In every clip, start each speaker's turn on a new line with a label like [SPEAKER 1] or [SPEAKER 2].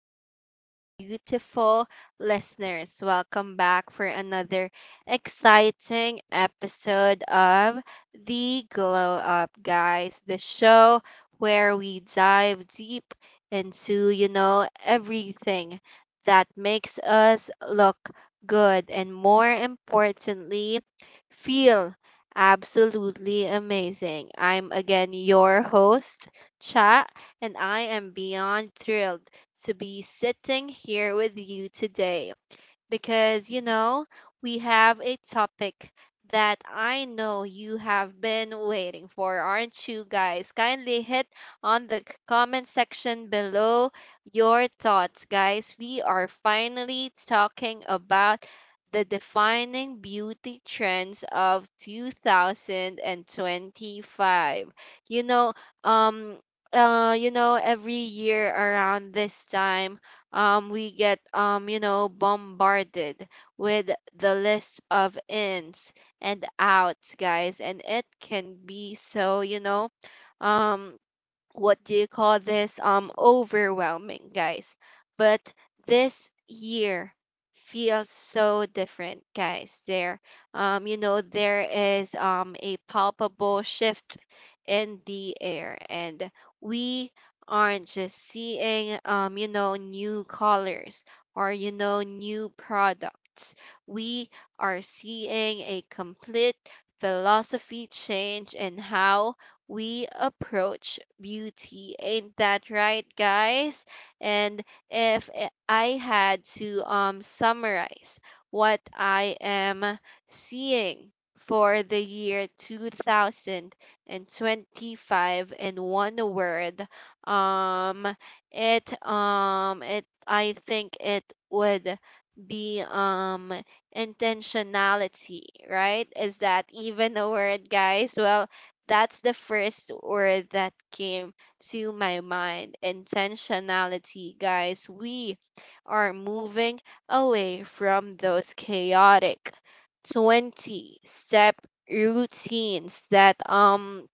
[SPEAKER 1] to our beautiful listeners. Welcome back for another exciting episode of The Glow Up, guys, the show where we dive deep into, everything that makes us look good and more importantly, feel absolutely amazing. I'm again your host. Chat, and I am beyond thrilled to be sitting here with you today because we have a topic that I know you have been waiting for, aren't you guys? Kindly hit on the comment section below your thoughts, guys. We are finally talking about the defining beauty trends of 2025. You know, um every year around this time, we get, bombarded with the list of ins and outs, guys, and it can be so, um, what do you call this, overwhelming, guys. But this year feels so different, guys. There, there is a palpable shift in the air, and we aren't just seeing, new colors or, new products. We are seeing a complete philosophy change in how we approach beauty. Ain't that right, guys? And if I had to, summarize what I am seeing for the year 2025 in one word, um, it, I think it would be intentionality. Right, is that even a word, guys? Well, that's the first word that came to my mind. Intentionality, guys. We are moving away from those chaotic 20 step routines that, um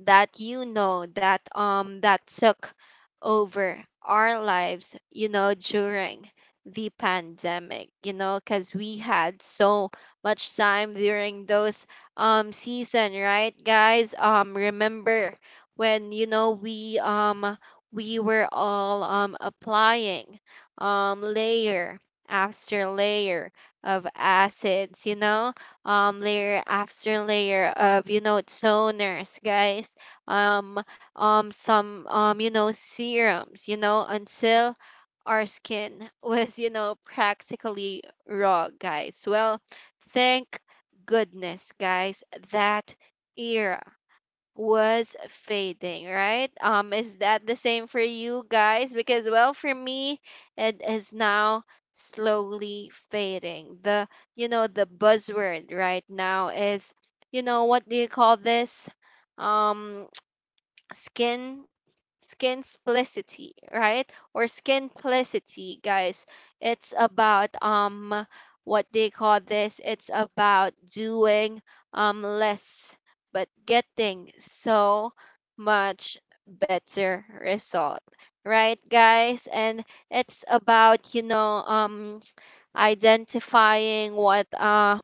[SPEAKER 1] that you know that um that took over our lives, during the pandemic, because we had so much time during those season, right, guys? Remember when, we were all applying layer after layer of acids, layer after layer of, toners, guys, um some, serums, until our skin was, practically raw, guys. Well, thank goodness, guys, that era was fading, right? Is that the same for you guys? Because well, for me, it is now slowly fading. The, the buzzword right now is, what do you call this? Um, skin splicity, right, or skin plicity, guys. It's about what they call this, it's about doing less but getting so much better result, right, guys? And it's about, identifying what,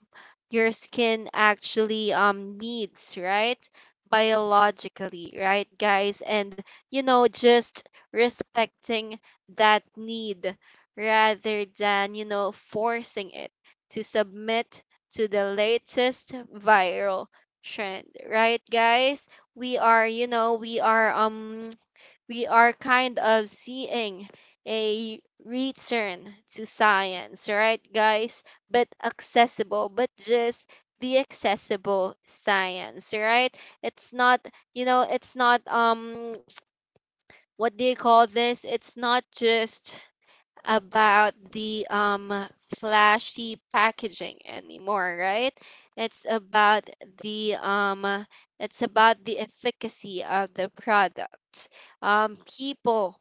[SPEAKER 1] your skin actually needs, right, biologically, right, guys? And, just respecting that need rather than, forcing it to submit to the latest viral trend, right, guys. We are, we are kind of seeing a return to science, right, guys? But accessible, but just the accessible science, right? It's not, you know, it's not um what do you call this? It's not just about the flashy packaging anymore, right? It's about the efficacy of the product. People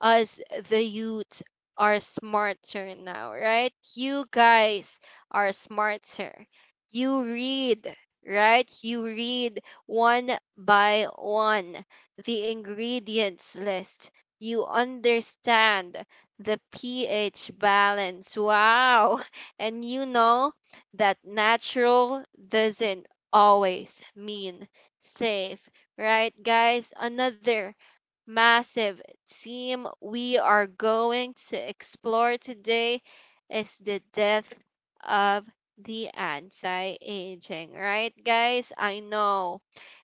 [SPEAKER 1] as the youth are smarter now, right? You guys are smarter. You read, right? You read one by one the ingredients list. You understand the pH balance. Wow. And you know that natural doesn't always mean safe, right, guys? Another massive theme we are going to explore today is the death of the anti aging, right, guys? I know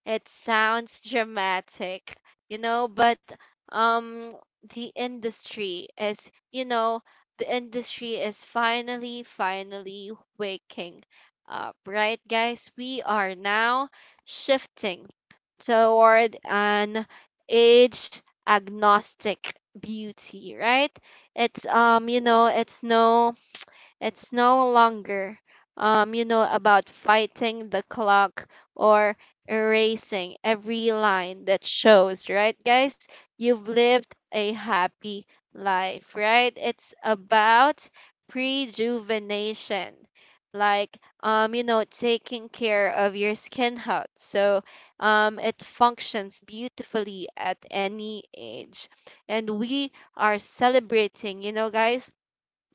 [SPEAKER 1] it sounds dramatic, you know, but, um, the industry is, you know, the industry is finally, finally waking up, right, guys. We are now shifting toward an age agnostic beauty, right? It's, it's no longer, you know, about fighting the clock or erasing every line that shows, right, guys? You've lived a happy life, right? It's about prejuvenation. Like, you know, taking care of your skin health. So, it functions beautifully at any age. And we are celebrating, you know, guys,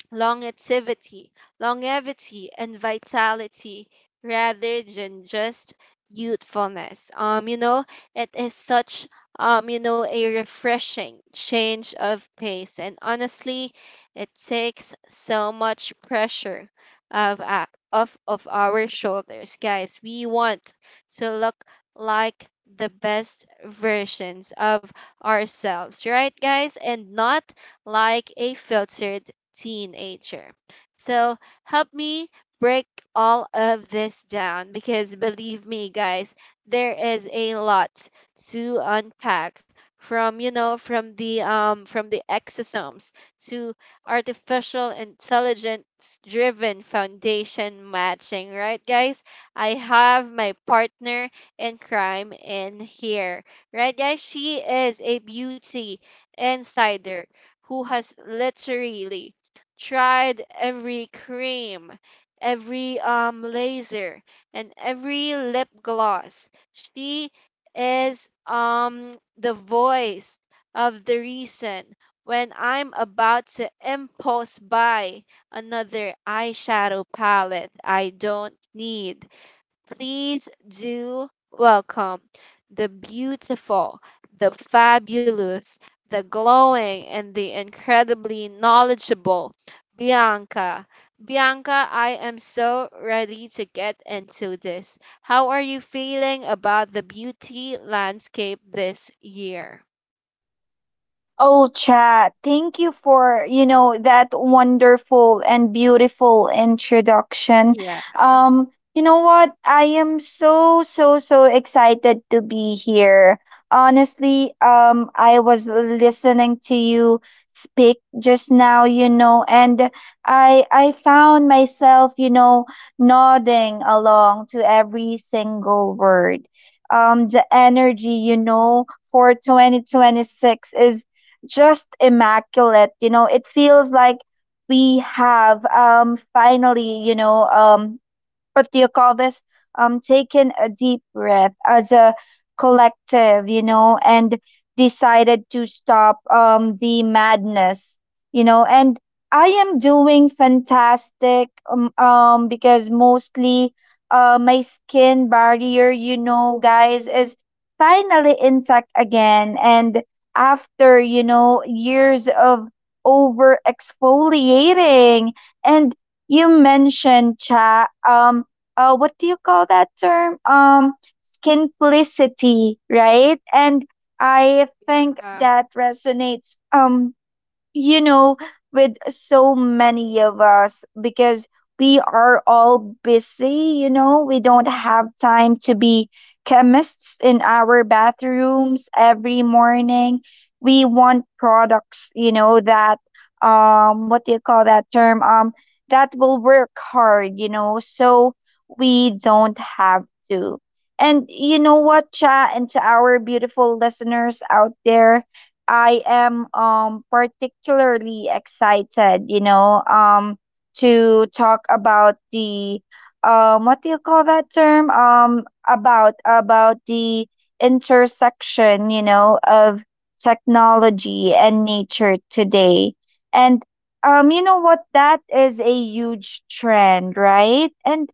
[SPEAKER 1] longevity, longevity and vitality rather than just youthfulness. You know, it is such, a refreshing change of pace, and honestly, it takes so much pressure of, off of our shoulders, guys. We want to look like the best versions of ourselves, right, guys, and not like a filtered teenager. So help me break all of this down because believe me, guys, there is a lot to unpack from, from the exosomes to artificial intelligence driven foundation matching, right, guys. I have my partner in crime in here, right, guys. She is a beauty insider who has literally tried every cream, every laser, and every lip gloss. She is the voice of the reason when I'm about to impulse buy another eyeshadow palette I don't need. Please do welcome the beautiful, the fabulous, the glowing, and the incredibly knowledgeable Bianca. Bianca, I am so ready to get into this. How are you feeling about the beauty landscape this year?
[SPEAKER 2] Oh, chat, thank you for, you know, that wonderful and beautiful introduction.
[SPEAKER 1] Yeah,
[SPEAKER 2] You know what? I am so, so, so excited to be here. Honestly, I was listening to you speak just now, you know, and I found myself, you know, nodding along to every single word. The energy, you know, for 2026 is just immaculate, you know. It feels like we have, finally, you know, what do you call this taken a deep breath as a collective, you know, and decided to stop, the madness, you know. And I am doing fantastic, because mostly my skin barrier, you know, guys, is finally intact again and after, you know, years of over exfoliating. And you mentioned cha, what do you call that term? Skinplicity, right? And I think
[SPEAKER 1] I
[SPEAKER 2] that resonates, you know, with so many of us because we are all busy, you know. We don't have time to be chemists in our bathrooms every morning. We want products, you know, that, what do you call that term? That will work hard, you know, so we don't have to. And you know what, Cha, and to our beautiful listeners out there, I am particularly excited, you know, to talk about the, what do you call that term? About the intersection, you know, of technology and nature today. And, you know what, that is a huge trend, right? And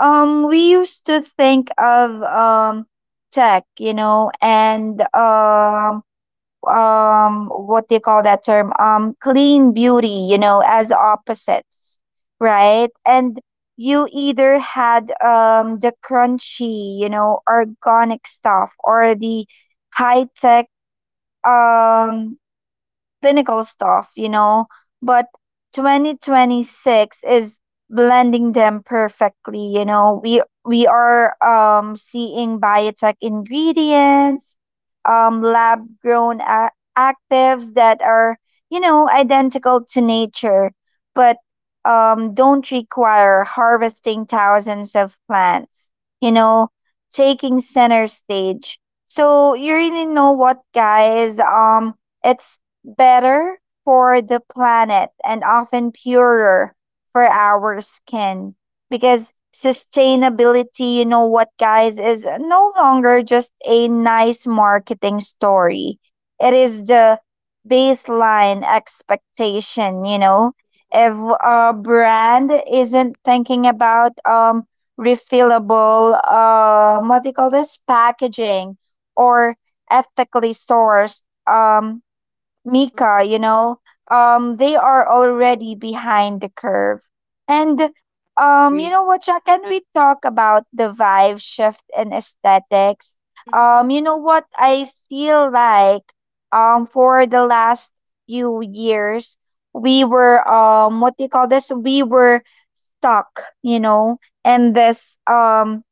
[SPEAKER 2] we used to think of tech, you know, and, what do you call that term, clean beauty, you know, as opposites, right? And you either had the crunchy, you know, organic stuff or the high tech, um clinical stuff, you know. But 2026 is blending them perfectly, you know. We are seeing biotech ingredients, lab grown actives that are, you know, identical to nature, but don't require harvesting thousands of plants, you know, taking center stage. So you really know what, guys, it's better for the planet and often purer for our skin, because sustainability, you know what, guys, is no longer just a nice marketing story. It is the baseline expectation, you know. If a brand isn't thinking about refillable, what do you call this, packaging or ethically sourced, Mika, you know, they are already behind the curve. And, you
[SPEAKER 1] agree.
[SPEAKER 2] know what, Cha, can we talk about the vibe shift in aesthetics?
[SPEAKER 1] Hmm.
[SPEAKER 2] You know what, I feel like for the last few years we were, what do you call this, we were stuck, you know, in this,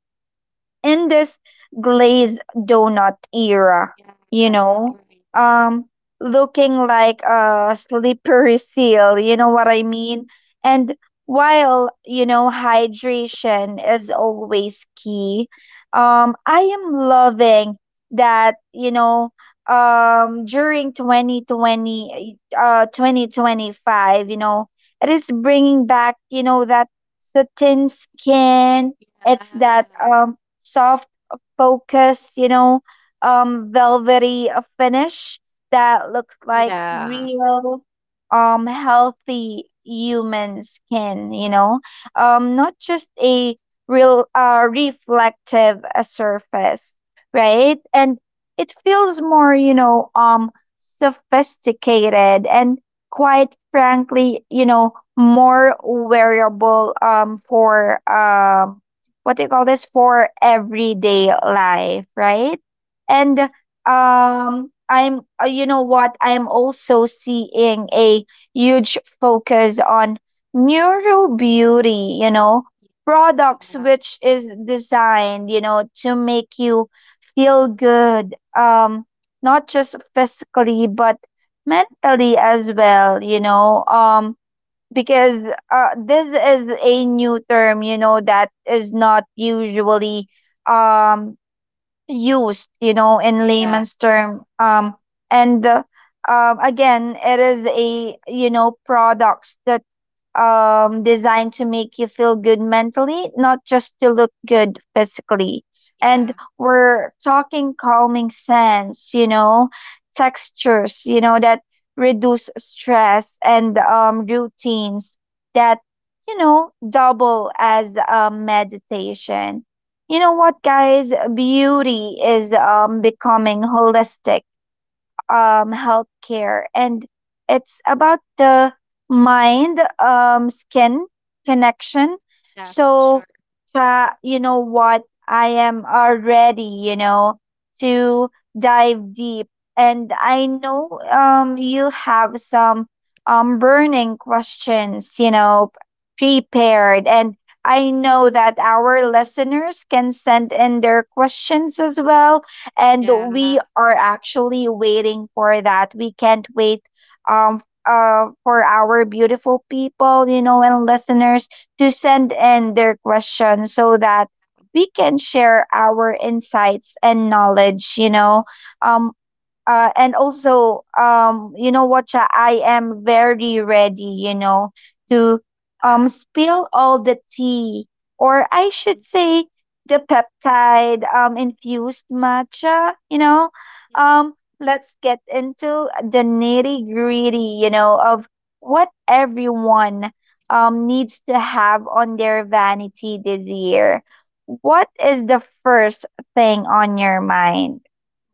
[SPEAKER 2] in this glazed donut era, you
[SPEAKER 1] I
[SPEAKER 2] know,
[SPEAKER 1] agree.
[SPEAKER 2] um, looking like a slippery seal, you know what I mean? And while, you know, hydration is always key, I am loving that, you know, during 2025, you know, it is bringing back, you know, that satin skin. It's that,
[SPEAKER 1] Yeah.
[SPEAKER 2] soft focus, you know, velvety finish that looks like
[SPEAKER 1] Yeah.
[SPEAKER 2] real, healthy human skin, you know, not just a real reflective surface, right? And it feels more, you know, sophisticated and quite frankly, you know, more wearable for, what do you call this, for everyday life, right? And I'm you know what, I'm also seeing a huge focus on neuro beauty, you know, products, which is designed, you know, to make you feel good, not just physically but mentally as well, you know. Because this is a new term, you know, that is not usually um used, you know, in layman's term. And Again, it is a, you know, products that designed to make you feel good mentally, not just to look good physically. And we're talking calming scents, you know, textures, you know, that reduce stress and routines that, you know, double as a meditation. You know what, guys? Beauty is, becoming holistic, healthcare, and it's about the mind, skin connection.
[SPEAKER 1] Yeah, for
[SPEAKER 2] So,
[SPEAKER 1] sure.
[SPEAKER 2] you know what, I am already, you know, to dive deep, and I know, you have some, burning questions, you know, prepared, and I know that our listeners can send in their questions as well, and
[SPEAKER 1] Yeah.
[SPEAKER 2] we are actually waiting for that. We can't wait, for our beautiful people, you know, and listeners to send in their questions so that we can share our insights and knowledge, you know. Um and also, you know what, Cha, I am very ready, you know, to spill all the tea, or I should say the peptide, infused matcha, you know. um let's get into the nitty gritty, you know, of what everyone needs to have on their vanity this year. What is the first thing on your mind?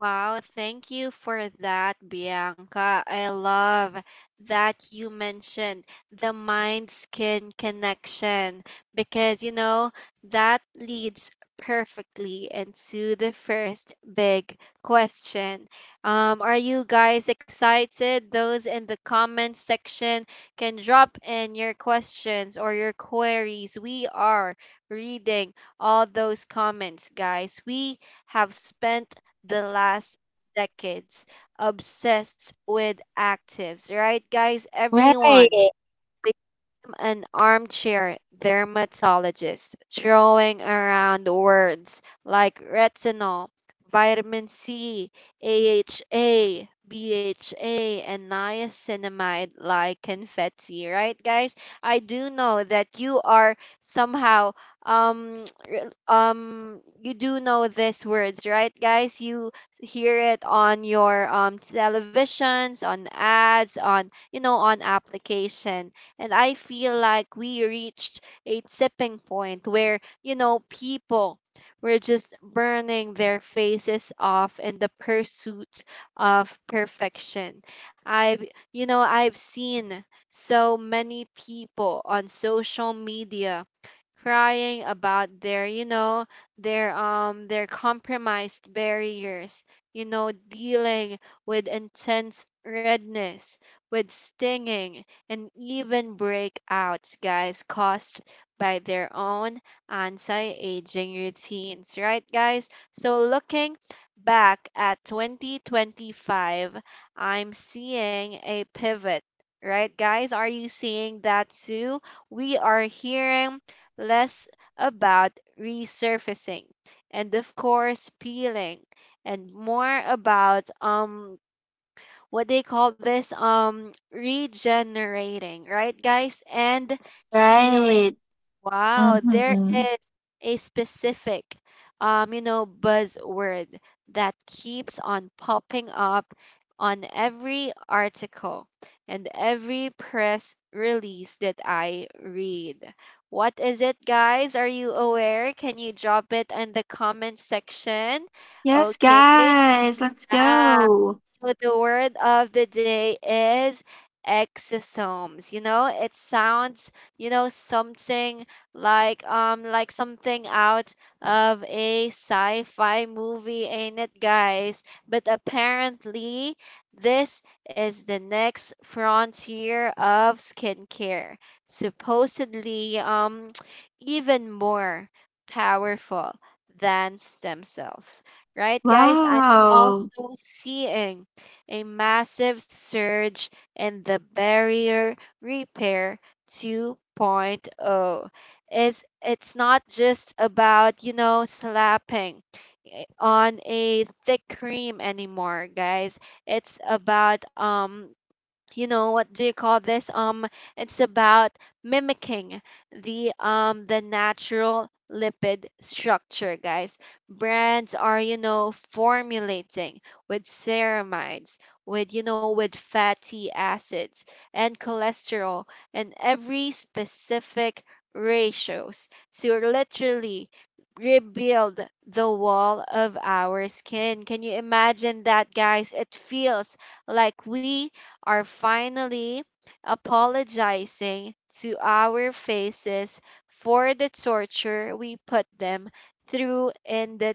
[SPEAKER 1] Wow, thank you for that, Bianca. I love that you mentioned the mind skin connection because, you know, that leads perfectly into the first big question. Are you guys excited? Those in the comments section can drop in your questions or your queries. We are reading all those comments, guys. We have spent the last decades obsessed with actives, right, guys? Everyone
[SPEAKER 2] Right.
[SPEAKER 1] am an armchair dermatologist, throwing around words like retinol, vitamin C, AHA, BHA, and niacinamide like confetti, right, guys? I do know that you are somehow um re- you do know these words, right, guys? You hear it on your televisions, on ads, on, you know, on application, and I feel like we reached a tipping point where, you know, people were just burning their faces off in the pursuit of perfection. I've, I've seen so many people on social media crying about their, their, their compromised barriers, dealing with intense redness, with stinging, and even breakouts, guys, caused by their own anti aging routines, right, guys? So, looking back at 2025, I'm seeing a pivot. Right, guys? Are you seeing that too? We are hearing less about resurfacing and, of course, peeling, and more about what they call this, regenerating, right, guys, and healing.
[SPEAKER 2] Right.
[SPEAKER 1] Wow, there
[SPEAKER 2] Mhm.
[SPEAKER 1] is a specific buzzword that keeps on popping up on every article and every press release that I read. What is it, guys? Are you aware? Can you drop it in the comment section?
[SPEAKER 2] Yes,
[SPEAKER 1] Okay,
[SPEAKER 2] guys, let's
[SPEAKER 1] bye.
[SPEAKER 2] go.
[SPEAKER 1] So the word of the day is exosomes. You know, it sounds, you know, something like, something out of a sci-fi movie, ain't it, guys? But apparently, this is the next frontier of skincare. Supposedly, even more powerful than stem cells. Right, guys? I'm also
[SPEAKER 2] Wow.
[SPEAKER 1] seeing a massive surge in the barrier repair 2.0. It's not just about, you know, slapping, on a thick cream anymore, guys. It's about, you know what do you call this it's about mimicking the natural lipid structure, guys. Brands are, formulating with ceramides, with, with fatty acids and cholesterol and every specific ratios, so literally rebuild the wall of our skin. Can you imagine that, guys? It feels like we are finally apologizing to our faces for the torture we put them through in the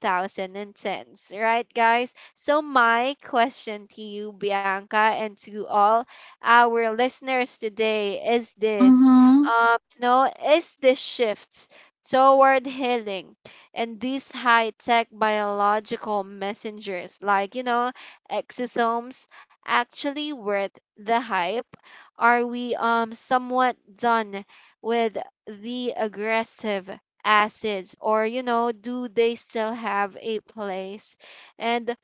[SPEAKER 1] 2010s, right, guys? So, my question to you, Bianca, and to all our listeners today is this:
[SPEAKER 2] Mhm.
[SPEAKER 1] no, is the shifts toward healing and these high tech biological messengers like, you know, exosomes actually worth the hype? Are we somewhat done with the aggressive acids, or you know do they still have a place? And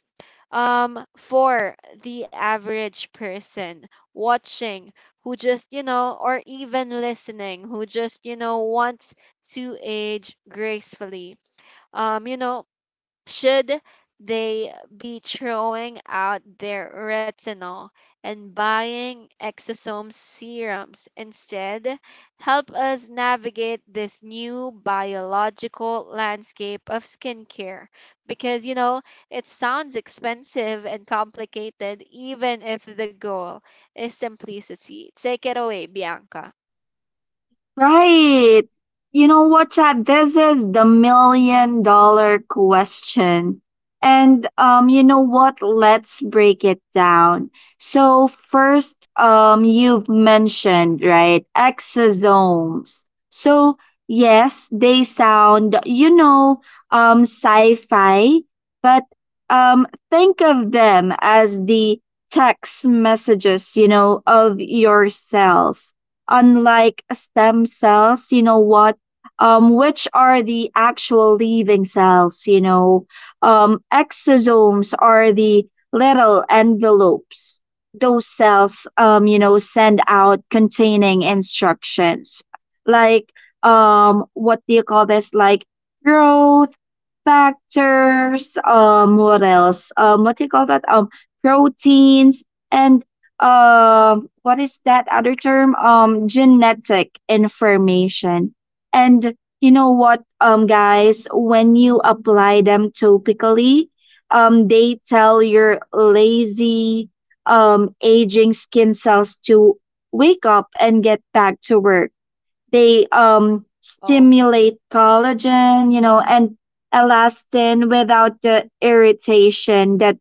[SPEAKER 1] for the average person watching who just, you know, or even listening who just, you know, wants to age gracefully. Um, you know, should they be throwing out their retinol and buying exosome serums instead? Help us navigate this new biological landscape of skincare because you know it sounds expensive and complicated, even if the goal is simplicity. Take it away, Bianca.
[SPEAKER 2] Right. You know what, Chad? This is the million dollar question. And, you know what, let's break it down. So first, you've mentioned, right, exosomes. So yes, they sound, you know, sci-fi, but, think of them as the text messages, you know, of your cells, unlike stem cells, you know what, which are the actual living cells, you know. Exosomes are the little envelopes those cells, you know, send out containing instructions like, what do you call this, like growth factors, what else, what do you call that, proteins and what is that other term, genetic information. And, you know what, guys, when you apply them topically, they tell your lazy, aging skin cells to wake up and get back to work. They
[SPEAKER 1] Oh,
[SPEAKER 2] stimulate collagen, you know, and elastin without the irritation that,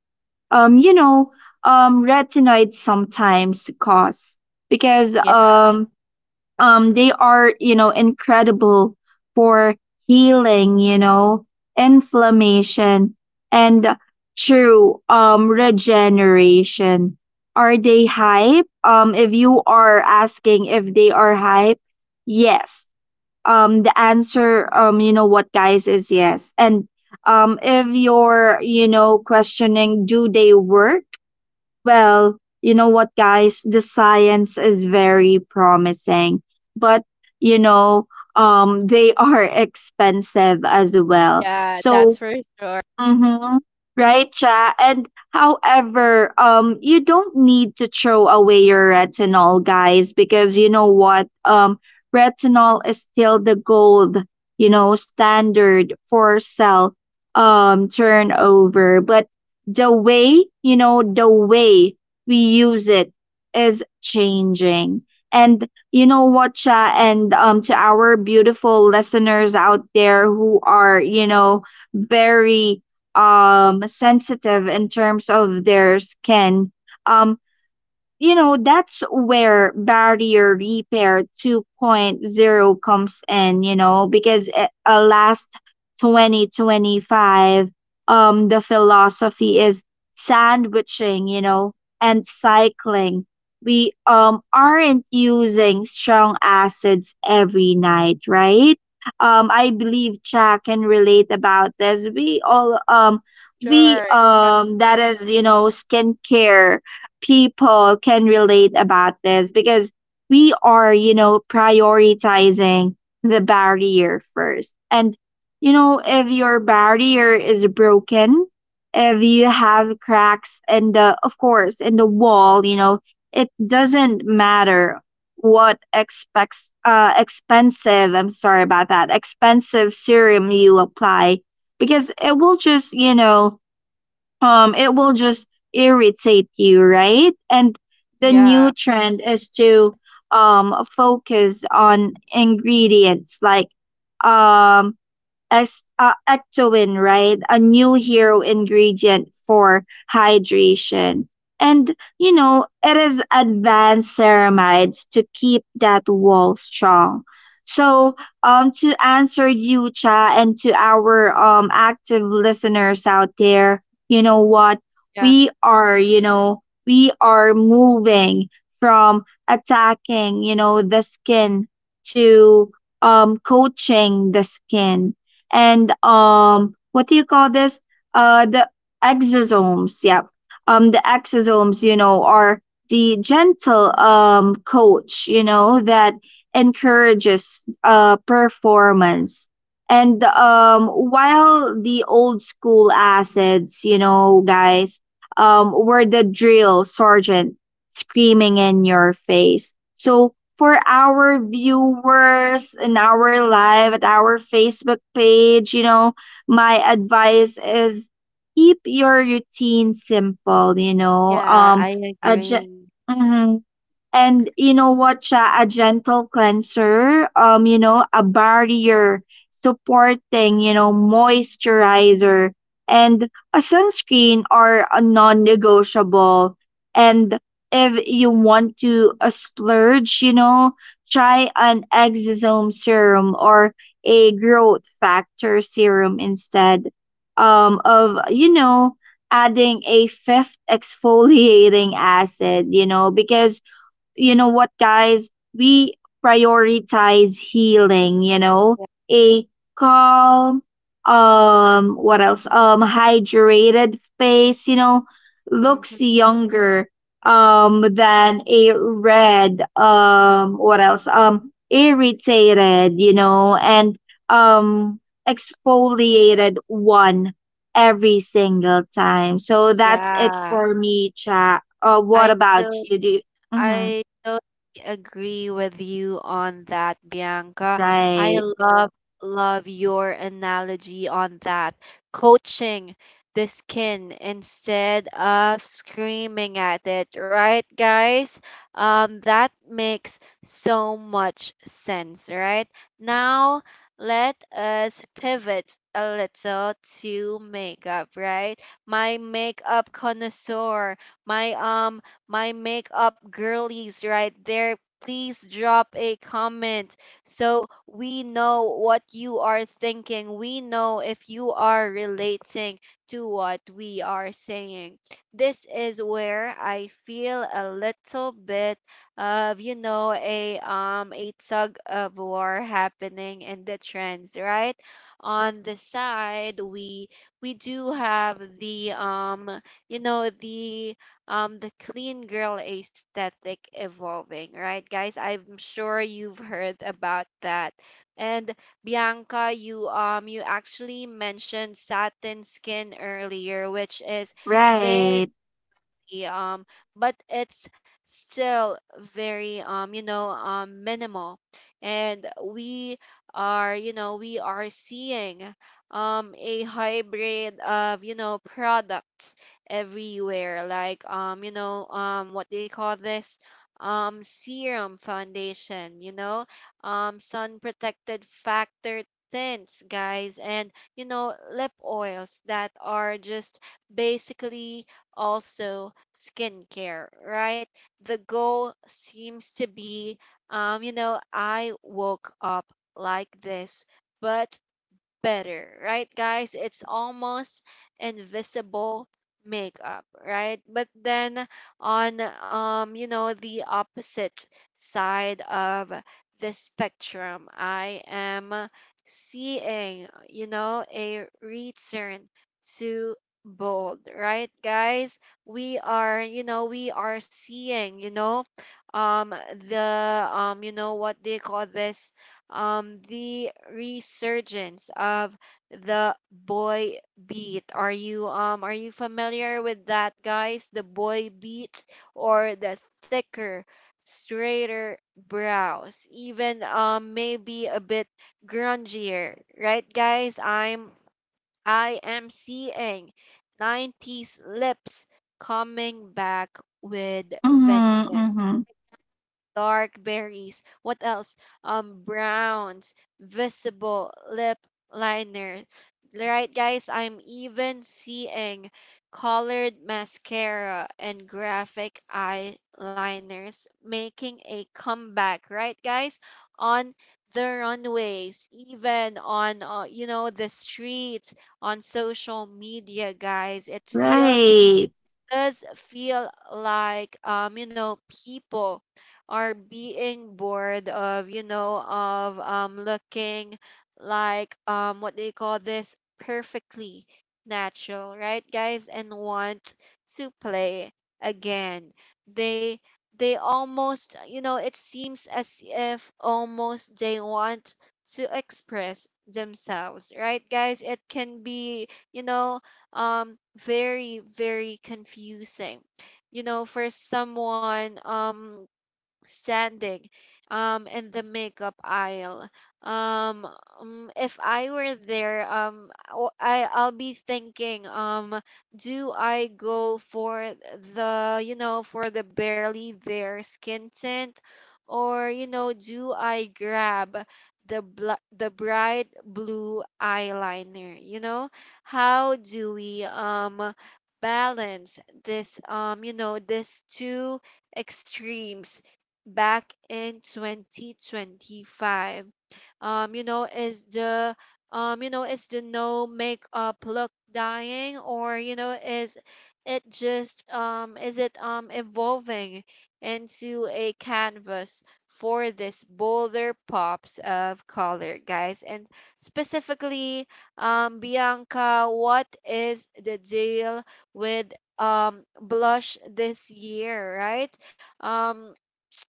[SPEAKER 2] you know, retinoids sometimes cause, because,
[SPEAKER 1] yeah,
[SPEAKER 2] they are, you know, incredible for healing, you know, inflammation and true regeneration. Are they hype? If you are asking if they are hype, yes, the answer, you know what, guys, is yes. And if you're, you know, questioning, do they work? Well, you know what, guys, the science is very promising, but, you know, they are expensive as well,
[SPEAKER 1] yeah,
[SPEAKER 2] so.
[SPEAKER 1] that's for
[SPEAKER 2] Mm-hmm. Right, Cha. And however, you don't need to throw away your retinol, guys, because you know what? Retinol is still the gold, you know, standard for cell turnover. But the way, you know, the way we use it is changing. And you know what, Cha, and to our beautiful listeners out there who are, you know, very sensitive in terms of their skin, um you know, that's where barrier repair 2.0 comes in, you know, because, last 2025, the philosophy is sandwiching, you know, and cycling. We aren't using strong acids every night, right? I believe Jack can relate about this. We all we
[SPEAKER 1] sure. Uh,
[SPEAKER 2] that is, you know, skincare people can relate about this because we are, you know, prioritizing the barrier first. And, you know, if your barrier is broken, if you have cracks in the, of course, in the wall, you know, it doesn't matter what expects expensive, I'm sorry about that, expensive serum you apply, because it will just, you know, it will just irritate you, right? And the new
[SPEAKER 1] yeah,
[SPEAKER 2] trend is to focus on ingredients like, um as ectoin, right? A new hero ingredient for hydration. And, you know, it is advanced ceramides to keep that wall strong. So, to answer you, Cha, and to our active listeners out there, you know what?
[SPEAKER 1] yeah,
[SPEAKER 2] We are, you know, we are moving from attacking, you know, the skin to coaching the skin. And, what do you call this, the exosomes, yep, the exosomes, you know, are the gentle, coach, you know, that encourages performance. And while the old school acids, you know, guys, were the drill sergeant screaming in your face. So for our viewers in our live at our Facebook page, you know, my advice is, keep your routine simple, you know.
[SPEAKER 1] yeah, I
[SPEAKER 2] Adjust.
[SPEAKER 1] agree.
[SPEAKER 2] And you know what, siya, a gentle cleanser, you know, a barrier supporting, you know, moisturizer and a sunscreen are a non-negotiable. And if you want to, splurge, you know, try an exosome serum or a growth factor serum instead, of, you know, adding a fifth exfoliating acid, you know, because, you know what, guys, we prioritize healing, you know. A calm, what else, hydrated face, you know,
[SPEAKER 1] Mhm.
[SPEAKER 2] looks younger than a red, what else, irritated, you know, and um exfoliated one, every single time. So that's it
[SPEAKER 1] Yeah,
[SPEAKER 2] for me, chat. What
[SPEAKER 1] I do.
[SPEAKER 2] about you, do you- Mhm.
[SPEAKER 1] I totally agree with you on that, Bianca. I
[SPEAKER 2] Right,
[SPEAKER 1] love your analogy on that. Coaching the skin instead of screaming at it, right, guys? That makes so much sense, right? Now let us pivot a little to makeup, right? My makeup connoisseur, my makeup girlies right there. Please drop a comment so we know what you are thinking. We know if you are relating to what we are saying. This is where I feel a little bit of, a tug of war happening in the trends, right? On the side we do have the, the, the clean girl aesthetic evolving, right, guys? I'm sure you've heard about that. And Bianca, you actually mentioned satin skin earlier, which is very,
[SPEAKER 2] right.
[SPEAKER 1] um but it's still very, minimal. And we are seeing a hybrid of, products everywhere, like, what they call this, serum foundation, sun protected factor tints, guys, and, lip oils that are just basically also skincare, right? The goal seems to be, I woke up like this, but better, right, guys? It's almost invisible makeup, right? But then on, the opposite side of the spectrum, I am seeing, a return to bold, right, guys? We are seeing, you know, um the you know what they call this, the resurgence of the boy beat. Are you familiar with that, guys? The boy beat, or the thicker, straighter brows, even, maybe a bit grungier, right, guys? I am seeing 90s lips coming back with
[SPEAKER 2] Mhm,
[SPEAKER 1] vengeance.
[SPEAKER 2] mhm.
[SPEAKER 1] Dark berries. What else? Browns, visible lip liner. Right, guys, I'm even seeing colored mascara and graphic eyeliners making a comeback, right, guys? On the runways, even on, the streets, on social media, guys. It feels
[SPEAKER 2] Right,
[SPEAKER 1] does feel like, people are being bored of, looking like, what they call this perfectly natural, right, guys, and want to play again. They they almost, you know, it seems as if almost they want to express themselves, right, guys. It can be, you know very, very confusing, for someone, standing, in the makeup aisle. um if I were there, I'll be thinking, do I go for the you know for the barely there skin tint, or, do I grab the bright blue eyeliner, how do we, balance this, these two extremes back in 2025? Is the, is the no makeup look dying, or, is it just, is it evolving into a canvas for this bolder pops of color, guys? And specifically, Bianca, what is the deal with, blush this year, right? um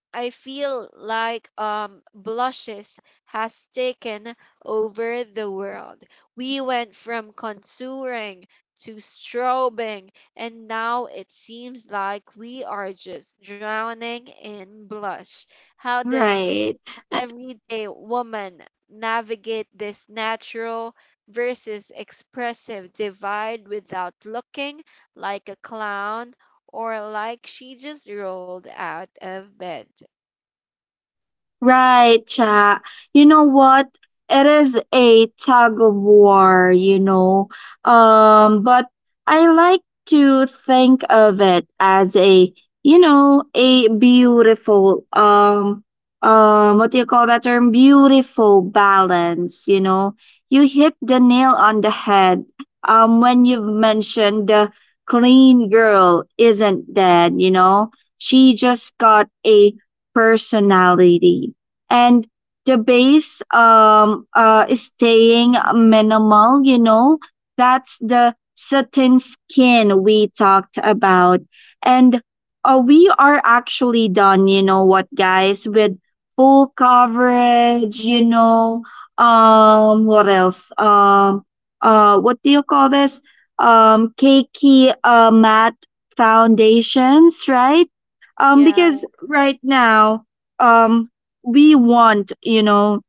[SPEAKER 1] I feel like, blushes has taken over the world. We went from contouring to strobing, and now it seems like we are just drowning in blush. How does
[SPEAKER 2] right.
[SPEAKER 1] everyday woman navigate this natural versus expressive divide without looking like a clown or like she just rolled out of bed?
[SPEAKER 2] Right, cha. You know what? It is a tug of war, you know. But I like to think of it as you know, a beautiful, what do you call that term? Beautiful balance, you know. You hit the nail on the head, when you've mentioned the clean girl isn't dead, you know. She just got a personality, and the base is staying minimal, you know. That's the satin skin we talked about. And we are actually done, you know what, guys, with full coverage, you know. Um what else what do you call this Cakey matte foundations, right?
[SPEAKER 1] Yeah,
[SPEAKER 2] Because right now, um, we want, you know,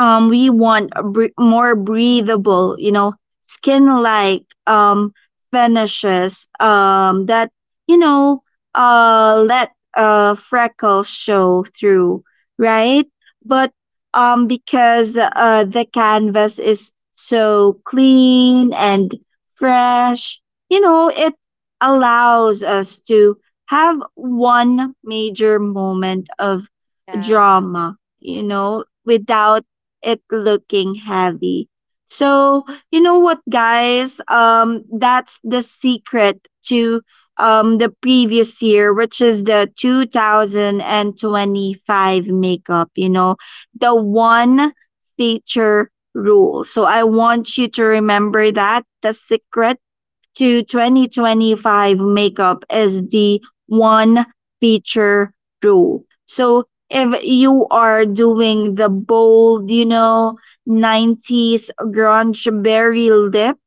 [SPEAKER 2] we want a more breathable, you know, skin like finishes, that, you know, let freckles show through, right? But because the canvas is so clean and fresh, you know, it allows us to have one major moment of
[SPEAKER 1] yeah,
[SPEAKER 2] drama, you know, without it looking heavy. So, you know what, guys? That's the secret to the previous year, which is the 2025 makeup, you know, the one feature rule. So, I want you to remember that the secret to 2025 makeup is the one feature rule. So if you are doing the bold, you know, 90s grunge berry lip,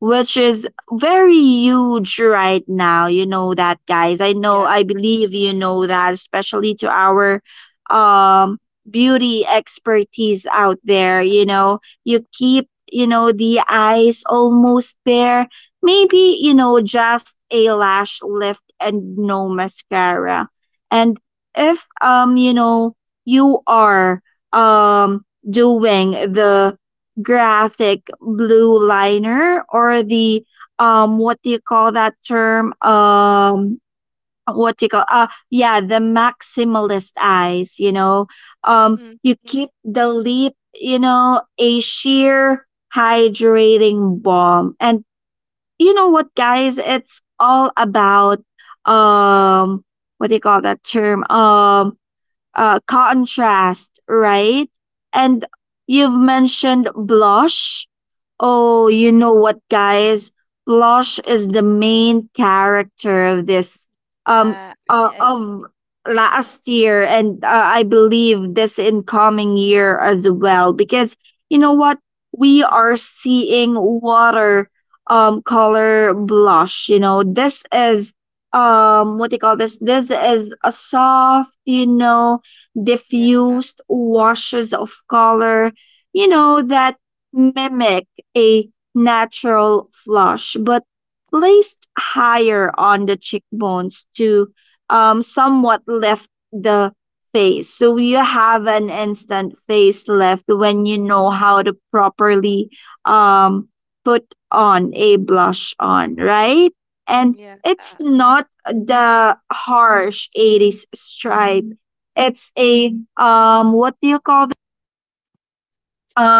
[SPEAKER 2] which is very huge right now. You know that, guys. I know,
[SPEAKER 1] yeah.
[SPEAKER 2] I believe you know that, especially to our um beauty expertise out there. You know, you keep, you know, the eyes almost there. Maybe, you know, just a lash lift and no mascara. And if you know, you are doing the graphic blue liner or the what do you call that term what do you call yeah, the maximalist eyes, you know, you
[SPEAKER 1] Mm-hmm.
[SPEAKER 2] keep the lip, you know, a sheer hydrating balm. And you know what, guys, it's all about um what do you call that term contrast, right? And you've mentioned blush. Oh, you know what, guys? Blush is the main character of this, um
[SPEAKER 1] Yeah, I-
[SPEAKER 2] of last year, and I believe this incoming year as well. Because you know what, we are seeing water color blush. You know, this is what do you call this? This is a soft, you know, diffused washes of color. You know, that mimic a natural flush, but placed higher on the cheekbones to somewhat lift the face. So you have an instant face lift when you know how to properly um, put on a blush on, right? And
[SPEAKER 1] yeah,
[SPEAKER 2] it's
[SPEAKER 1] yeah,
[SPEAKER 2] not the harsh 80s stripe. It's a what do you call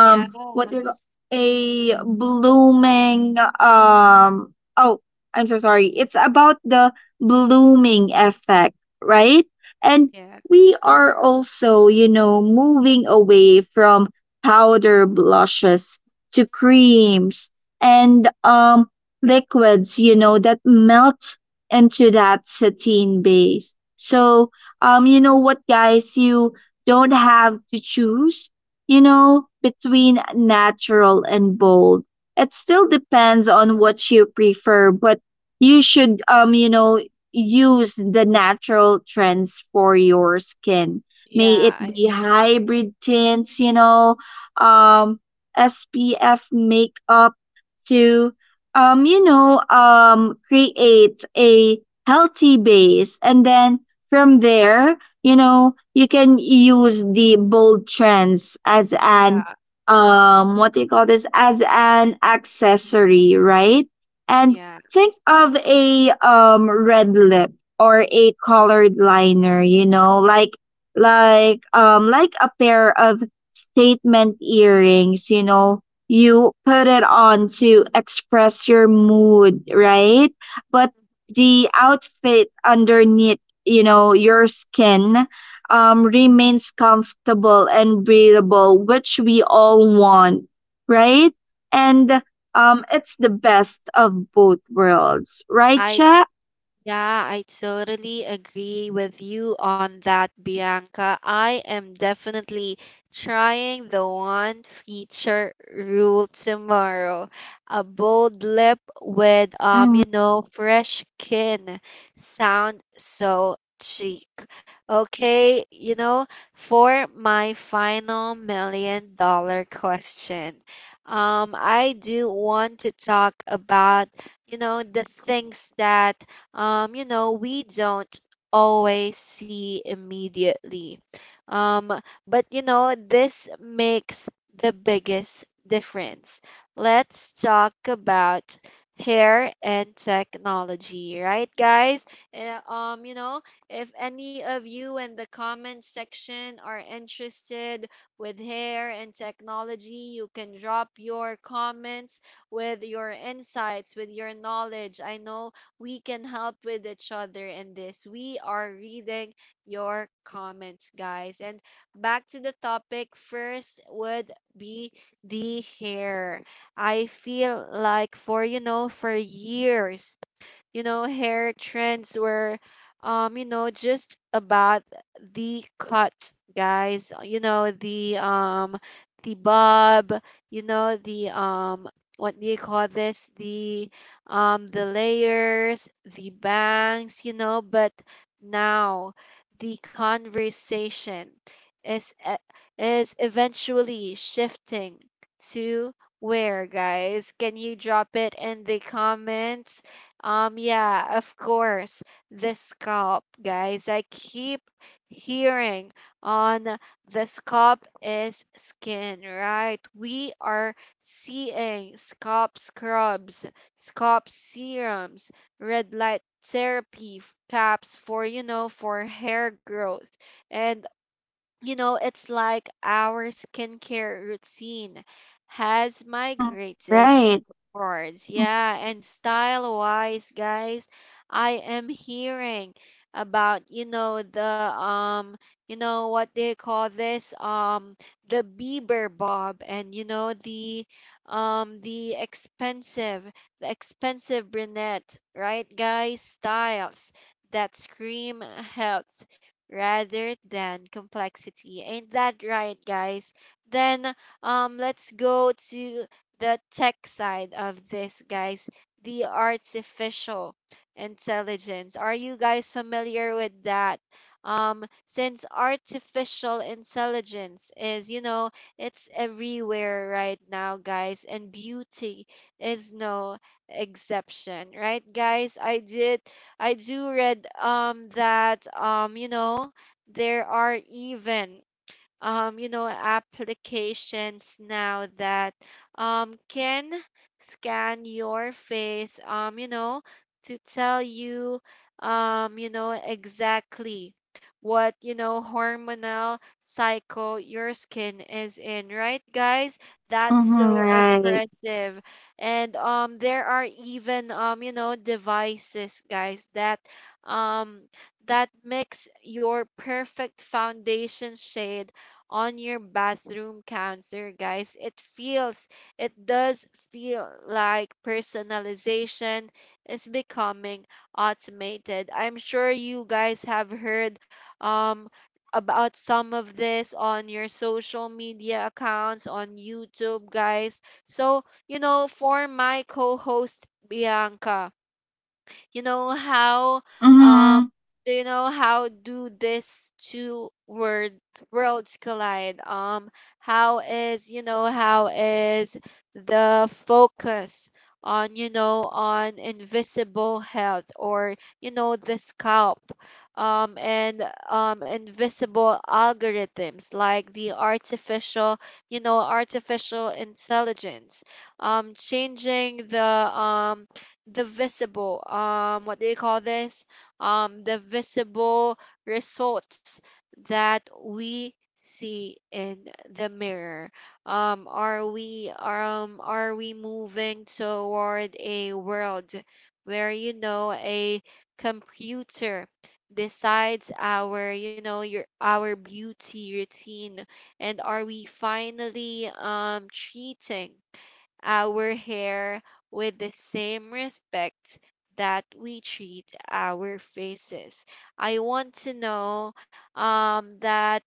[SPEAKER 1] yeah, oh,
[SPEAKER 2] what they a blooming, I'm so sorry. It's about the blooming effect, right? And
[SPEAKER 1] yeah,
[SPEAKER 2] we are also, you know, moving away from powder blushes to creams and liquids, you know, that melt into that sateen base. So, you know what, guys, you don't have to choose, you know, between natural and bold. It still depends on what you prefer, but you should you know, use the natural trends for your skin. May it
[SPEAKER 1] yeah,
[SPEAKER 2] be hybrid tints, you know, um SPF makeup to you know, create a healthy base, and then from there, you know, you can use the bold trends as
[SPEAKER 1] yeah,
[SPEAKER 2] an what do you call this as an accessory, right? And
[SPEAKER 1] yeah.
[SPEAKER 2] think of a red lip or a colored liner, you know, like like a pair of statement earrings, you know, you put it on to express your mood, right? But the outfit underneath, you know, your skin, remains comfortable and breathable, which we all want, right?
[SPEAKER 1] Mhm.
[SPEAKER 2] And it's the best of both worlds, right,
[SPEAKER 1] I
[SPEAKER 2] Cha?
[SPEAKER 1] Yeah, I totally agree with you on that, Bianca. I am definitely trying the one feature rule tomorrow. A bold lip with,
[SPEAKER 2] Mm-hmm.
[SPEAKER 1] fresh skin. Sound so chic. Okay, for my final million-dollar question. I do want to talk about, the things that, we don't always see immediately. Um, but, this makes the biggest difference. Let's talk about hair and technology, right, guys? Eh, Um, you know, if any of you in the comment section are interested with hair and technology, you can drop your comments with your insights, with your knowledge. I know we can help with each other in this. We are reading your comments, guys. And back to the topic, first would be the hair. I feel like for years, hair trends were, just about the cut, guys. The bob. You know, the, what do you call this? The, the layers, the bangs. You know, but now the conversation is e- is eventually shifting to, where, guys, can you drop it in the comments, yeah, of course, the scalp, guys. I keep hearing on the scalp is skin, right? We are seeing scalp scrubs, scalp serums, red light therapy caps for, for hair growth. And, it's like our skincare routine has migrated.
[SPEAKER 2] Right.
[SPEAKER 1] Words, yeah, and style wise, guys, I am hearing about, you know the you know what they call this, the Bieber bob, and, the, um the expensive the expensive brunette, right, guys? Styles that scream health rather than complexity. Ain't that right, guys? Then, let's go to the tech side of this, guys: the artificial intelligence. Are you guys familiar with that? Since artificial intelligence is, it's everywhere right now, guys, and beauty is no exception, right, guys? I do read, that, there are even, applications now that, can scan your face, to tell you, exactly what, hormonal cycle your skin is in, right, guys? That's
[SPEAKER 2] Mm-hmm.
[SPEAKER 1] so
[SPEAKER 2] Right.
[SPEAKER 1] impressive. And, there are even, devices, guys, that, um, that mix your perfect foundation shade on your bathroom counter, guys. It does feel like personalization is becoming automated. I'm sure you guys have heard, um, about some of this on your social media accounts, on YouTube, guys. So, for my co host, Bianca, you know how um
[SPEAKER 2] Mm-hmm.
[SPEAKER 1] do you know how do these two word worlds collide? How is you know how is the focus on, on invisible health, or, the scalp, and, invisible algorithms like the artificial you know artificial intelligence, changing the, um the visible what do you call this, the visible results that we see in the mirror? Are we moving toward a world where, a computer decides our you know your our beauty routine? And are we finally, treating our hair with the same respect that we treat our faces? I want to know, that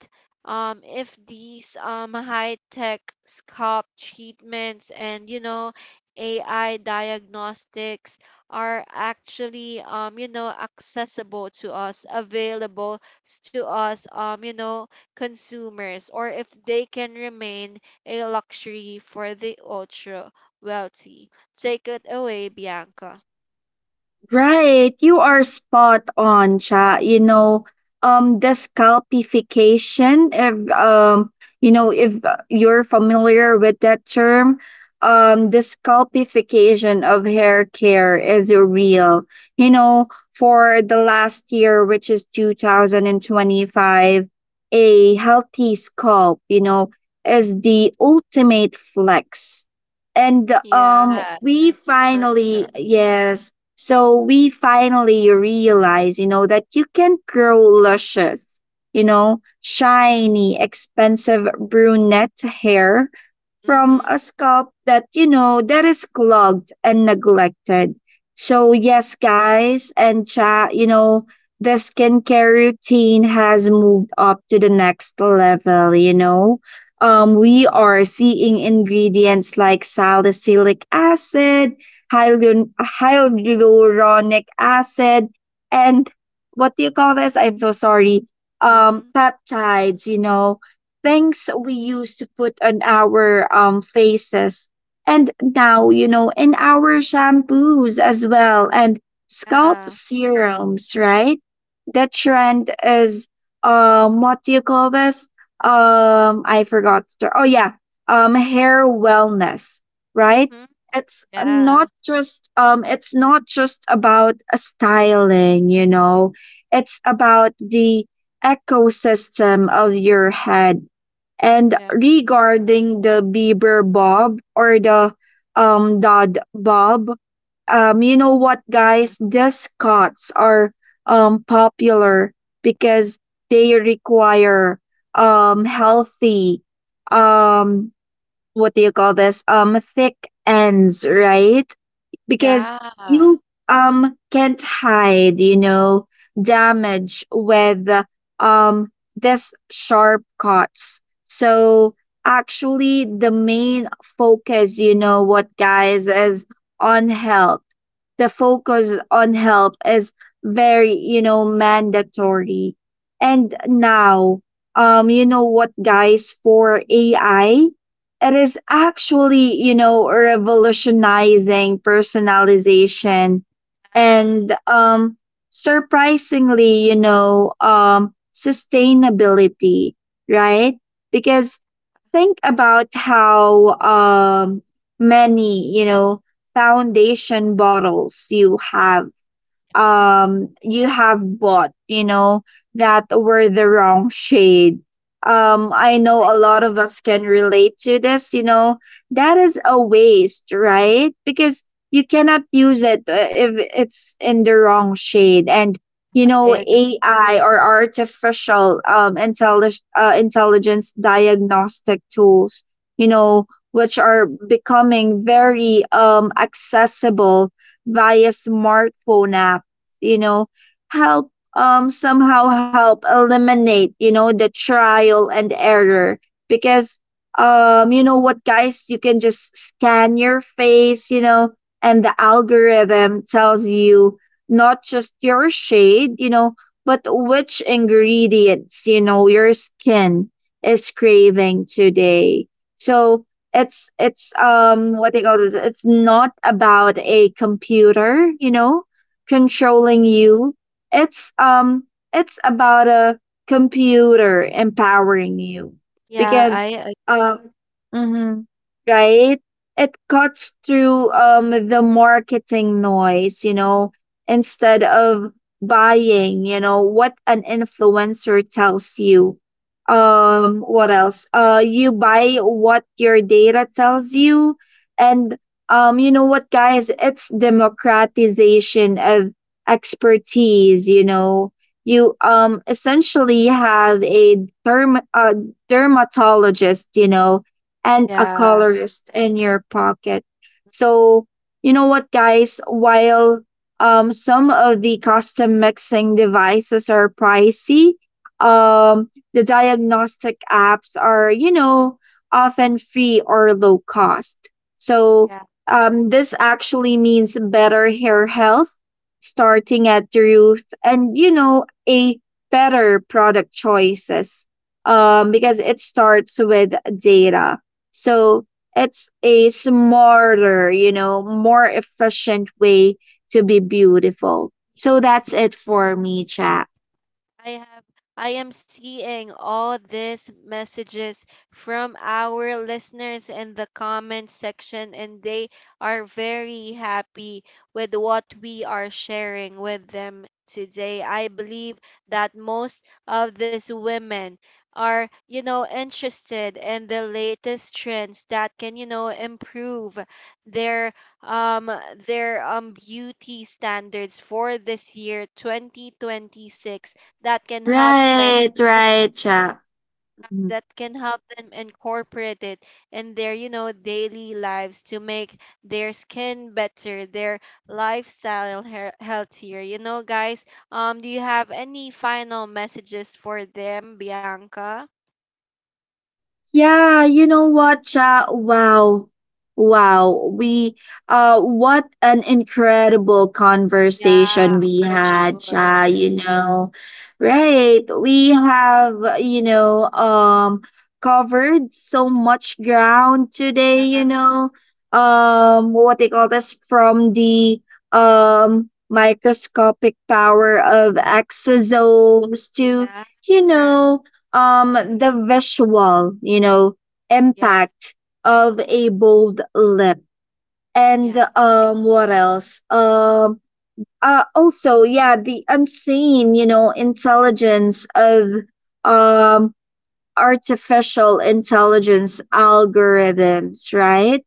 [SPEAKER 1] if these, high-tech scalp treatments and, AI diagnostics are actually, accessible to us, available, to us, consumers, or if they can remain a luxury for the ultra wealthy. Take it away, Bianca.
[SPEAKER 2] Right, you are spot on, Cha. You know, the scalpification. If you know, if you're familiar with that term, the scalpification of hair care is real. You know, for the last year, which is 2025, a healthy scalp, you know, is the ultimate flex. And
[SPEAKER 1] Yeah,
[SPEAKER 2] we
[SPEAKER 1] that's for sure.
[SPEAKER 2] finally, yes, so we finally realize, you know, that you can grow luscious, you know, shiny, expensive brunette hair from
[SPEAKER 1] Mm-hmm.
[SPEAKER 2] a scalp that, you know, that is clogged and neglected. So yes, guys and Cha, you know, the skincare routine has moved up to the next level. You know, we are seeing ingredients like salicylic acid, hyaluronic acid, and what do you call this? I'm so sorry.
[SPEAKER 1] Mm-hmm.
[SPEAKER 2] Peptides. You know, things we used to put on our faces, and now, you know, in our shampoos as well, and scalp
[SPEAKER 1] Yeah.
[SPEAKER 2] serums, right? The trend is what do you call this I forgot the- oh yeah, hair wellness, right?
[SPEAKER 1] Hmm.
[SPEAKER 2] It's
[SPEAKER 1] Yeah.
[SPEAKER 2] not just about a styling, you know, it's about the ecosystem of your head. And
[SPEAKER 1] Yeah.
[SPEAKER 2] regarding the Bieber Bob or the Dodd Bob, you know what, guys? These cuts are popular because they require healthy, um what do you call this thick ends, right? Because
[SPEAKER 1] Yeah. Yeah.
[SPEAKER 2] you can't hide, you know, damage with um this sharp cuts. So actually, the main focus, you know what, guys, is on health. The focus on health is very, you know, mandatory. And now, you know what, guys, for AI, it is actually, you know, revolutionizing personalization and surprisingly, you know, sustainability, right? Because think about how many, you know, foundation bottles you have bought, you know, that were the wrong shade. I know a lot of us can relate to this, you know. That is a waste, right? Because you cannot use it if it's in the wrong shade. And you
[SPEAKER 1] I
[SPEAKER 2] know,
[SPEAKER 1] agree.
[SPEAKER 2] AI, or artificial intelligence diagnostic tools, you know, which are becoming very accessible via smartphone app, you know, help somehow help eliminate, you know, the trial and error. Because you know what, guys, you can just scan your face, you know, and the algorithm tells you not just your shade, you know, but which ingredients, you know, your skin is craving today. So it's what they call this it's not about a computer, you know, controlling you. It's um it's about a computer empowering you
[SPEAKER 1] Yeah,
[SPEAKER 2] because um mhm, right, it cuts through the marketing noise, you know, instead of buying, you know what, an influencer tells you. What else You buy what your data tells you. And you know what, guys? It's democratization of expertise. You know, you essentially have a derm a dermatologist, you know, and a
[SPEAKER 1] yeah.
[SPEAKER 2] colorist in your pocket. So you know what, guys? While some of the custom mixing devices are pricey, the diagnostic apps are, you know, often free or low cost. So this actually means better hair health, starting at the root, and, you know, a better product choices. Because it starts with data. So it's a smarter, you know, more efficient way to be beautiful. So
[SPEAKER 1] Yes,
[SPEAKER 2] that's it for me, chat.
[SPEAKER 1] I have I am seeing all these messages from our listeners in the comment section, and they are very happy with what we are sharing with them today. I believe that most of these women are, interested in the latest trends that can, improve their, um beauty standards for this year 2026, that can help them,
[SPEAKER 2] Right, right, chat.
[SPEAKER 1] incorporate it in their, daily lives, to make their skin better, their lifestyle, healthier, guys. Do you have any final messages for them, Bianca?
[SPEAKER 2] Yeah, you know what, Cha? Wow. Wow. We what an incredible
[SPEAKER 1] Yeah,
[SPEAKER 2] conversation we
[SPEAKER 1] for
[SPEAKER 2] had, Cha,
[SPEAKER 1] sure.
[SPEAKER 2] you know. Right. We have, you know, covered so much ground today,
[SPEAKER 1] Yeah,
[SPEAKER 2] you know. What they call this From the microscopic power of exosomes to,
[SPEAKER 1] yeah.
[SPEAKER 2] you
[SPEAKER 1] Right.
[SPEAKER 2] know, the visual, you know,
[SPEAKER 1] Yeah,
[SPEAKER 2] impact of a bold lip, and
[SPEAKER 1] yeah,
[SPEAKER 2] what else also yeah, the unseen, you know, intelligence of um artificial intelligence algorithms, right?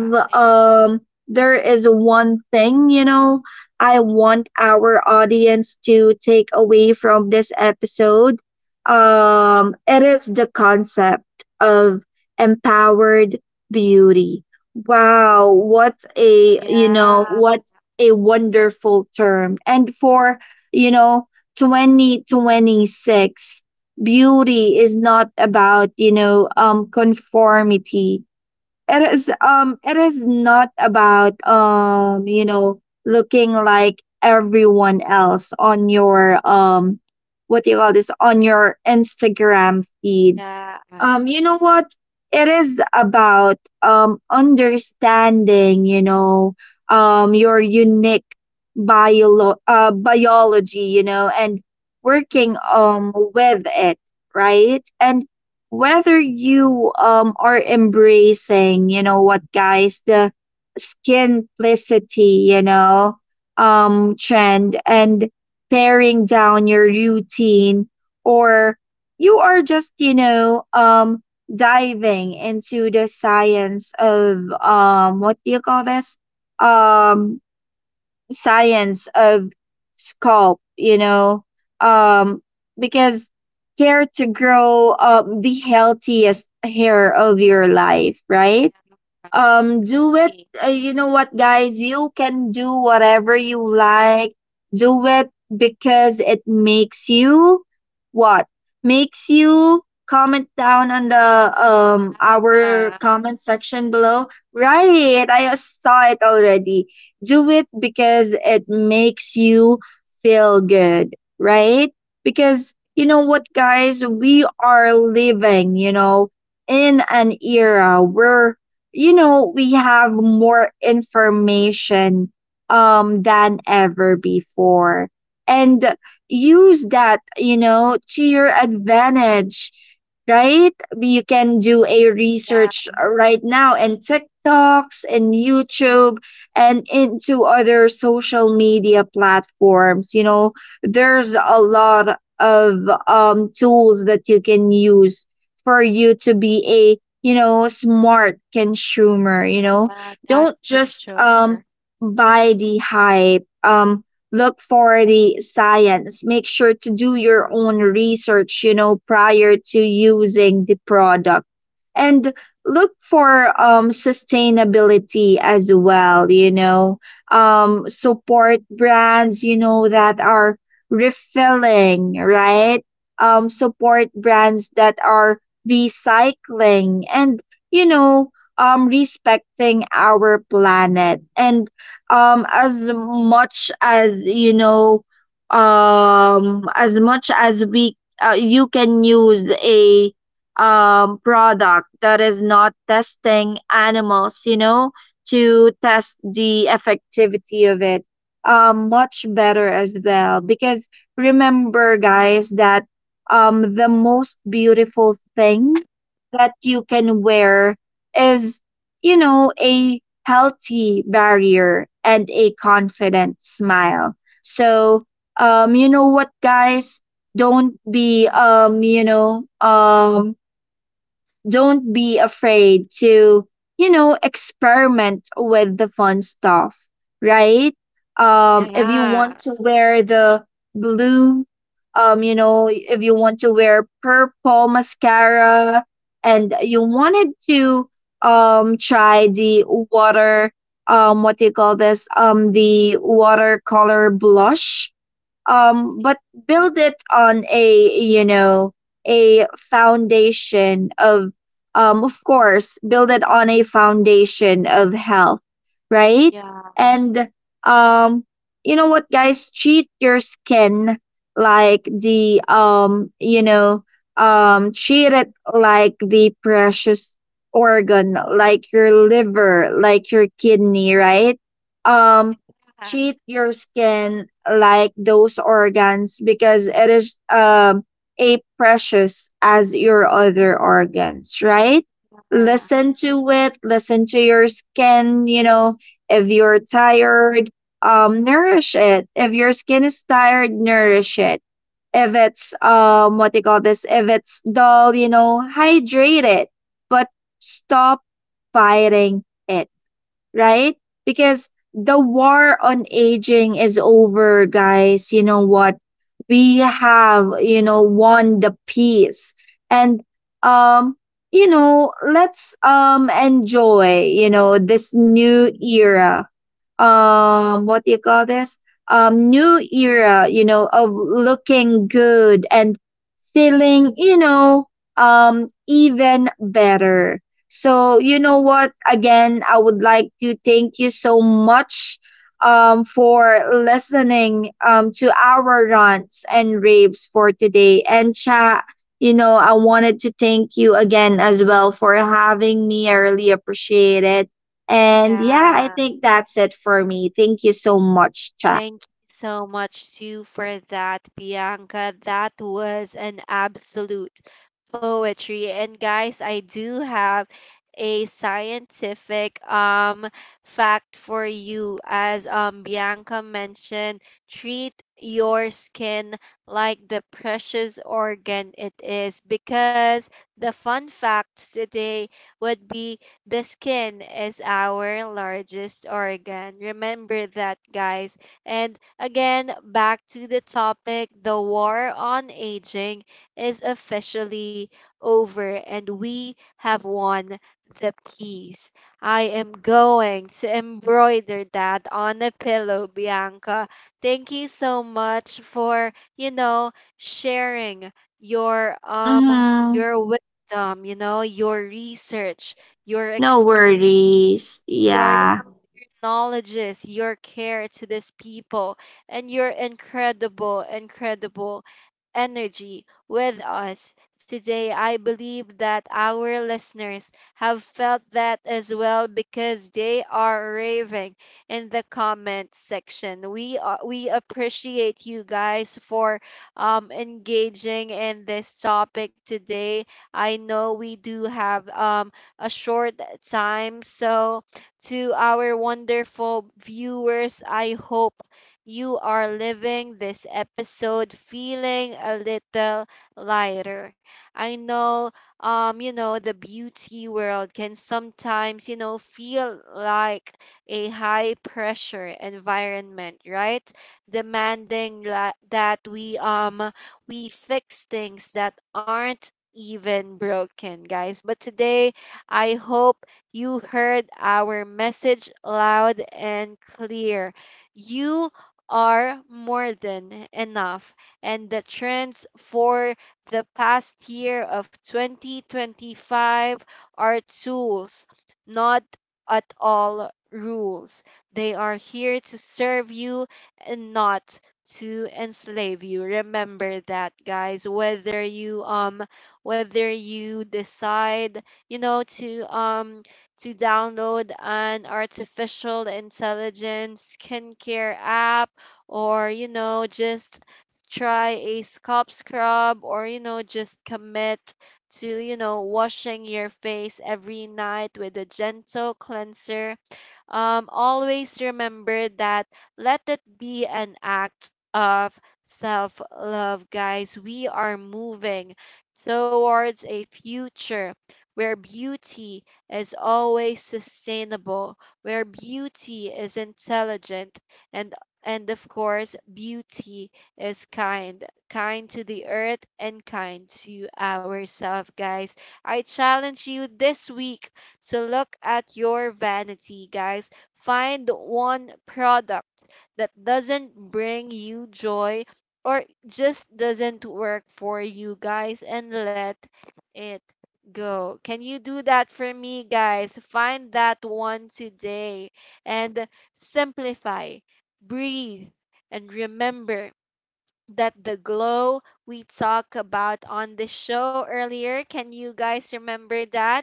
[SPEAKER 1] yeah, I agree.
[SPEAKER 2] there is one thing, you know, I want our audience to take away from this episode, it is the concept of empowered beauty. Wow, what a, you know,
[SPEAKER 1] Yeah,
[SPEAKER 2] what a wonderful term. And for, you know, 2026, beauty is not about, you know, conformity. It is not about, you know, looking like everyone else on your what do you call this on your Instagram feed.
[SPEAKER 1] yeah.
[SPEAKER 2] You know what? It is about understanding, you know, your unique biology, you know, and
[SPEAKER 1] Mm,
[SPEAKER 2] working with it, right? And whether you are embracing, you know what, guys, the skinplicity, you know, trend, and paring down your routine, or you are just, you know, diving into the science of what do you call this um science of scalp, you know, um because care, to grow the healthiest hair of your life,
[SPEAKER 1] yeah,
[SPEAKER 2] right?
[SPEAKER 1] I
[SPEAKER 2] Do it.
[SPEAKER 1] agree.
[SPEAKER 2] You know what, guys? You can do whatever you like. Do it because it makes you what? Makes you comment down on the our
[SPEAKER 1] Yeah,
[SPEAKER 2] comment section below. Right. I saw it already. Do it because it makes you feel good, right? Because you know what, guys? We are living, you know, in an era where, you know, we have more information than ever before. And use that, you know, to your advantage, right? You can do a
[SPEAKER 1] yeah.
[SPEAKER 2] research right now in TikToks and YouTube and into other social media platforms. You know, there's a lot of tools that you can use for you to be, you know, smart consumer, you know.
[SPEAKER 1] Yeah, that's
[SPEAKER 2] Don't
[SPEAKER 1] for
[SPEAKER 2] just
[SPEAKER 1] sure.
[SPEAKER 2] buy the hype. Look for the science. Make sure to do your own research, you know, prior to using the product. And look for sustainability as well, you know. Support brands, you know, that are refilling, right? Support brands that are recycling, and, you know, respecting our planet. And um as much as you know as much as we you can use a product that is not testing animals, you know, to test the effectivity of it, much better as well. Because remember, guys, that the most beautiful thing that you can wear is, you know, a healthy barrier and a confident smile. So you know what, guys, don't be um you know um don't be afraid to, you know, experiment with the fun stuff, right? If you
[SPEAKER 1] Yeah.
[SPEAKER 2] want to wear the blue, you know, if you want to wear purple mascara, and you wanted to try the water, what do you call this the watercolor blush, but build it on a, you know, a foundation of, of course, build it on a foundation of health, right?
[SPEAKER 1] Uh,
[SPEAKER 2] And um you know what, guys, treat your skin like the treat it like the precious organ, like your liver, like your kidney, right? um Treat your skin like those organs because it is a precious as your other organs, right?
[SPEAKER 1] uh,
[SPEAKER 2] Listen to it, listen to your skin, you know. If you're tired, nourish it. If your skin is tired, nourish it. If it's what do you call this? If it's dull, you know, hydrate it. But stop fighting it, right? Because the war on aging is over, guys. You know what? We have, you know, won the peace. And um, you know, let's enjoy, you know, this new era, what do you call this new era, you know, of looking good and feeling, you know, even better. So you know what, again, I would like to thank you so much for listening to our rants and raves for today. And chat, you know, I wanted to thank you again as well for having me. I really appreciate it. And yeah, I
[SPEAKER 1] yeah.
[SPEAKER 2] think that's it for me. Thank you so much, chat.
[SPEAKER 1] Thank you so much, Sue, for that, Bianca. That was an absolute poetry. And, guys, I do have a scientific, fact for you. As, Bianca mentioned, treat your skin like the precious organ it is, because the fun facts today would be: the skin is our largest organ. Remember that, guys. And again, back to the topic, the war on aging is officially over, and we have won the peace. I am going to embroider that on a pillow, Bianca. Thank you so much for, sharing your,
[SPEAKER 2] Hmm.
[SPEAKER 1] wisdom, your research, your
[SPEAKER 2] No
[SPEAKER 1] experience,
[SPEAKER 2] worries. Yeah.
[SPEAKER 1] acknowledges your care to these people, and your incredible, incredible energy with us today. I believe that our listeners have felt that as well, because they are raving in the comment section. We appreciate you guys for, engaging in this topic today. I know we do have, a short time, so to our wonderful viewers, I hope you are living this episode feeling a little lighter. I know, the beauty world can sometimes, feel like a high pressure environment, right? Demanding, that we fix things that aren't even broken, guys. But today, I hope you heard our message loud and clear. You are more than enough. And the trends for the past year of 2025 are tools, not at all rules. They are here to serve you and not to enslave you. Remember that, guys. Whether you decide, you know to um to download an artificial intelligence skincare app, or, just try a scalp scrub, or, just commit to, washing your face every night with a gentle cleanser, always remember that, let it be an act of self love, guys. We are moving towards a future where beauty is always sustainable, where beauty is intelligent, and and of course, beauty is kind, kind to the earth and kind to ourselves, guys. I challenge you this week, so look at your vanity, guys. Find one product that doesn't bring you joy or just doesn't work for you, guys, and let it go. Can you do that for me, guys? Find that one today, and simplify, breathe, and remember that the glow we talked about on the show earlier, can you guys remember that?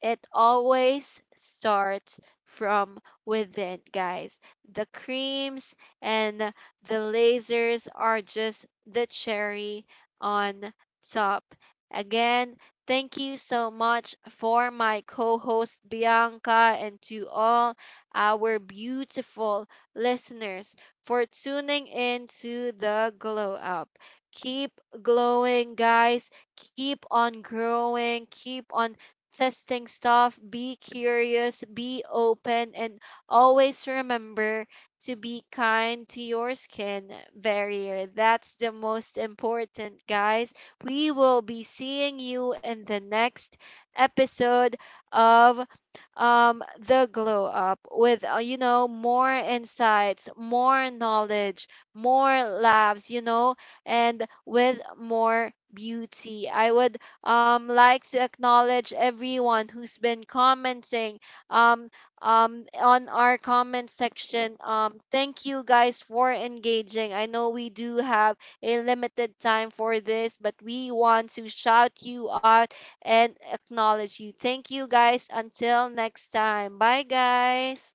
[SPEAKER 1] It always starts from within, guys. The creams and the lasers are just the cherry on top. Again, thank you so much for my co host Bianca, and to all our beautiful listeners for tuning in to The Glow Up. Keep glowing, guys. Keep on growing. Keep on testing stuff, be curious, be open, and always remember to be kind to your skin barrier. That's the most important, guys. We will be seeing you in the next episode of, The Glow Up, with, more insights, more knowledge, more laughs, and with more beauty. I would, likes to acknowledge everyone who's been commenting, um, on our comment section. Thank you guys for engaging. I know we do have a limited time for this, but we want to shout you out and acknowledge you. Thank you, guys. Until next time. Bye, guys.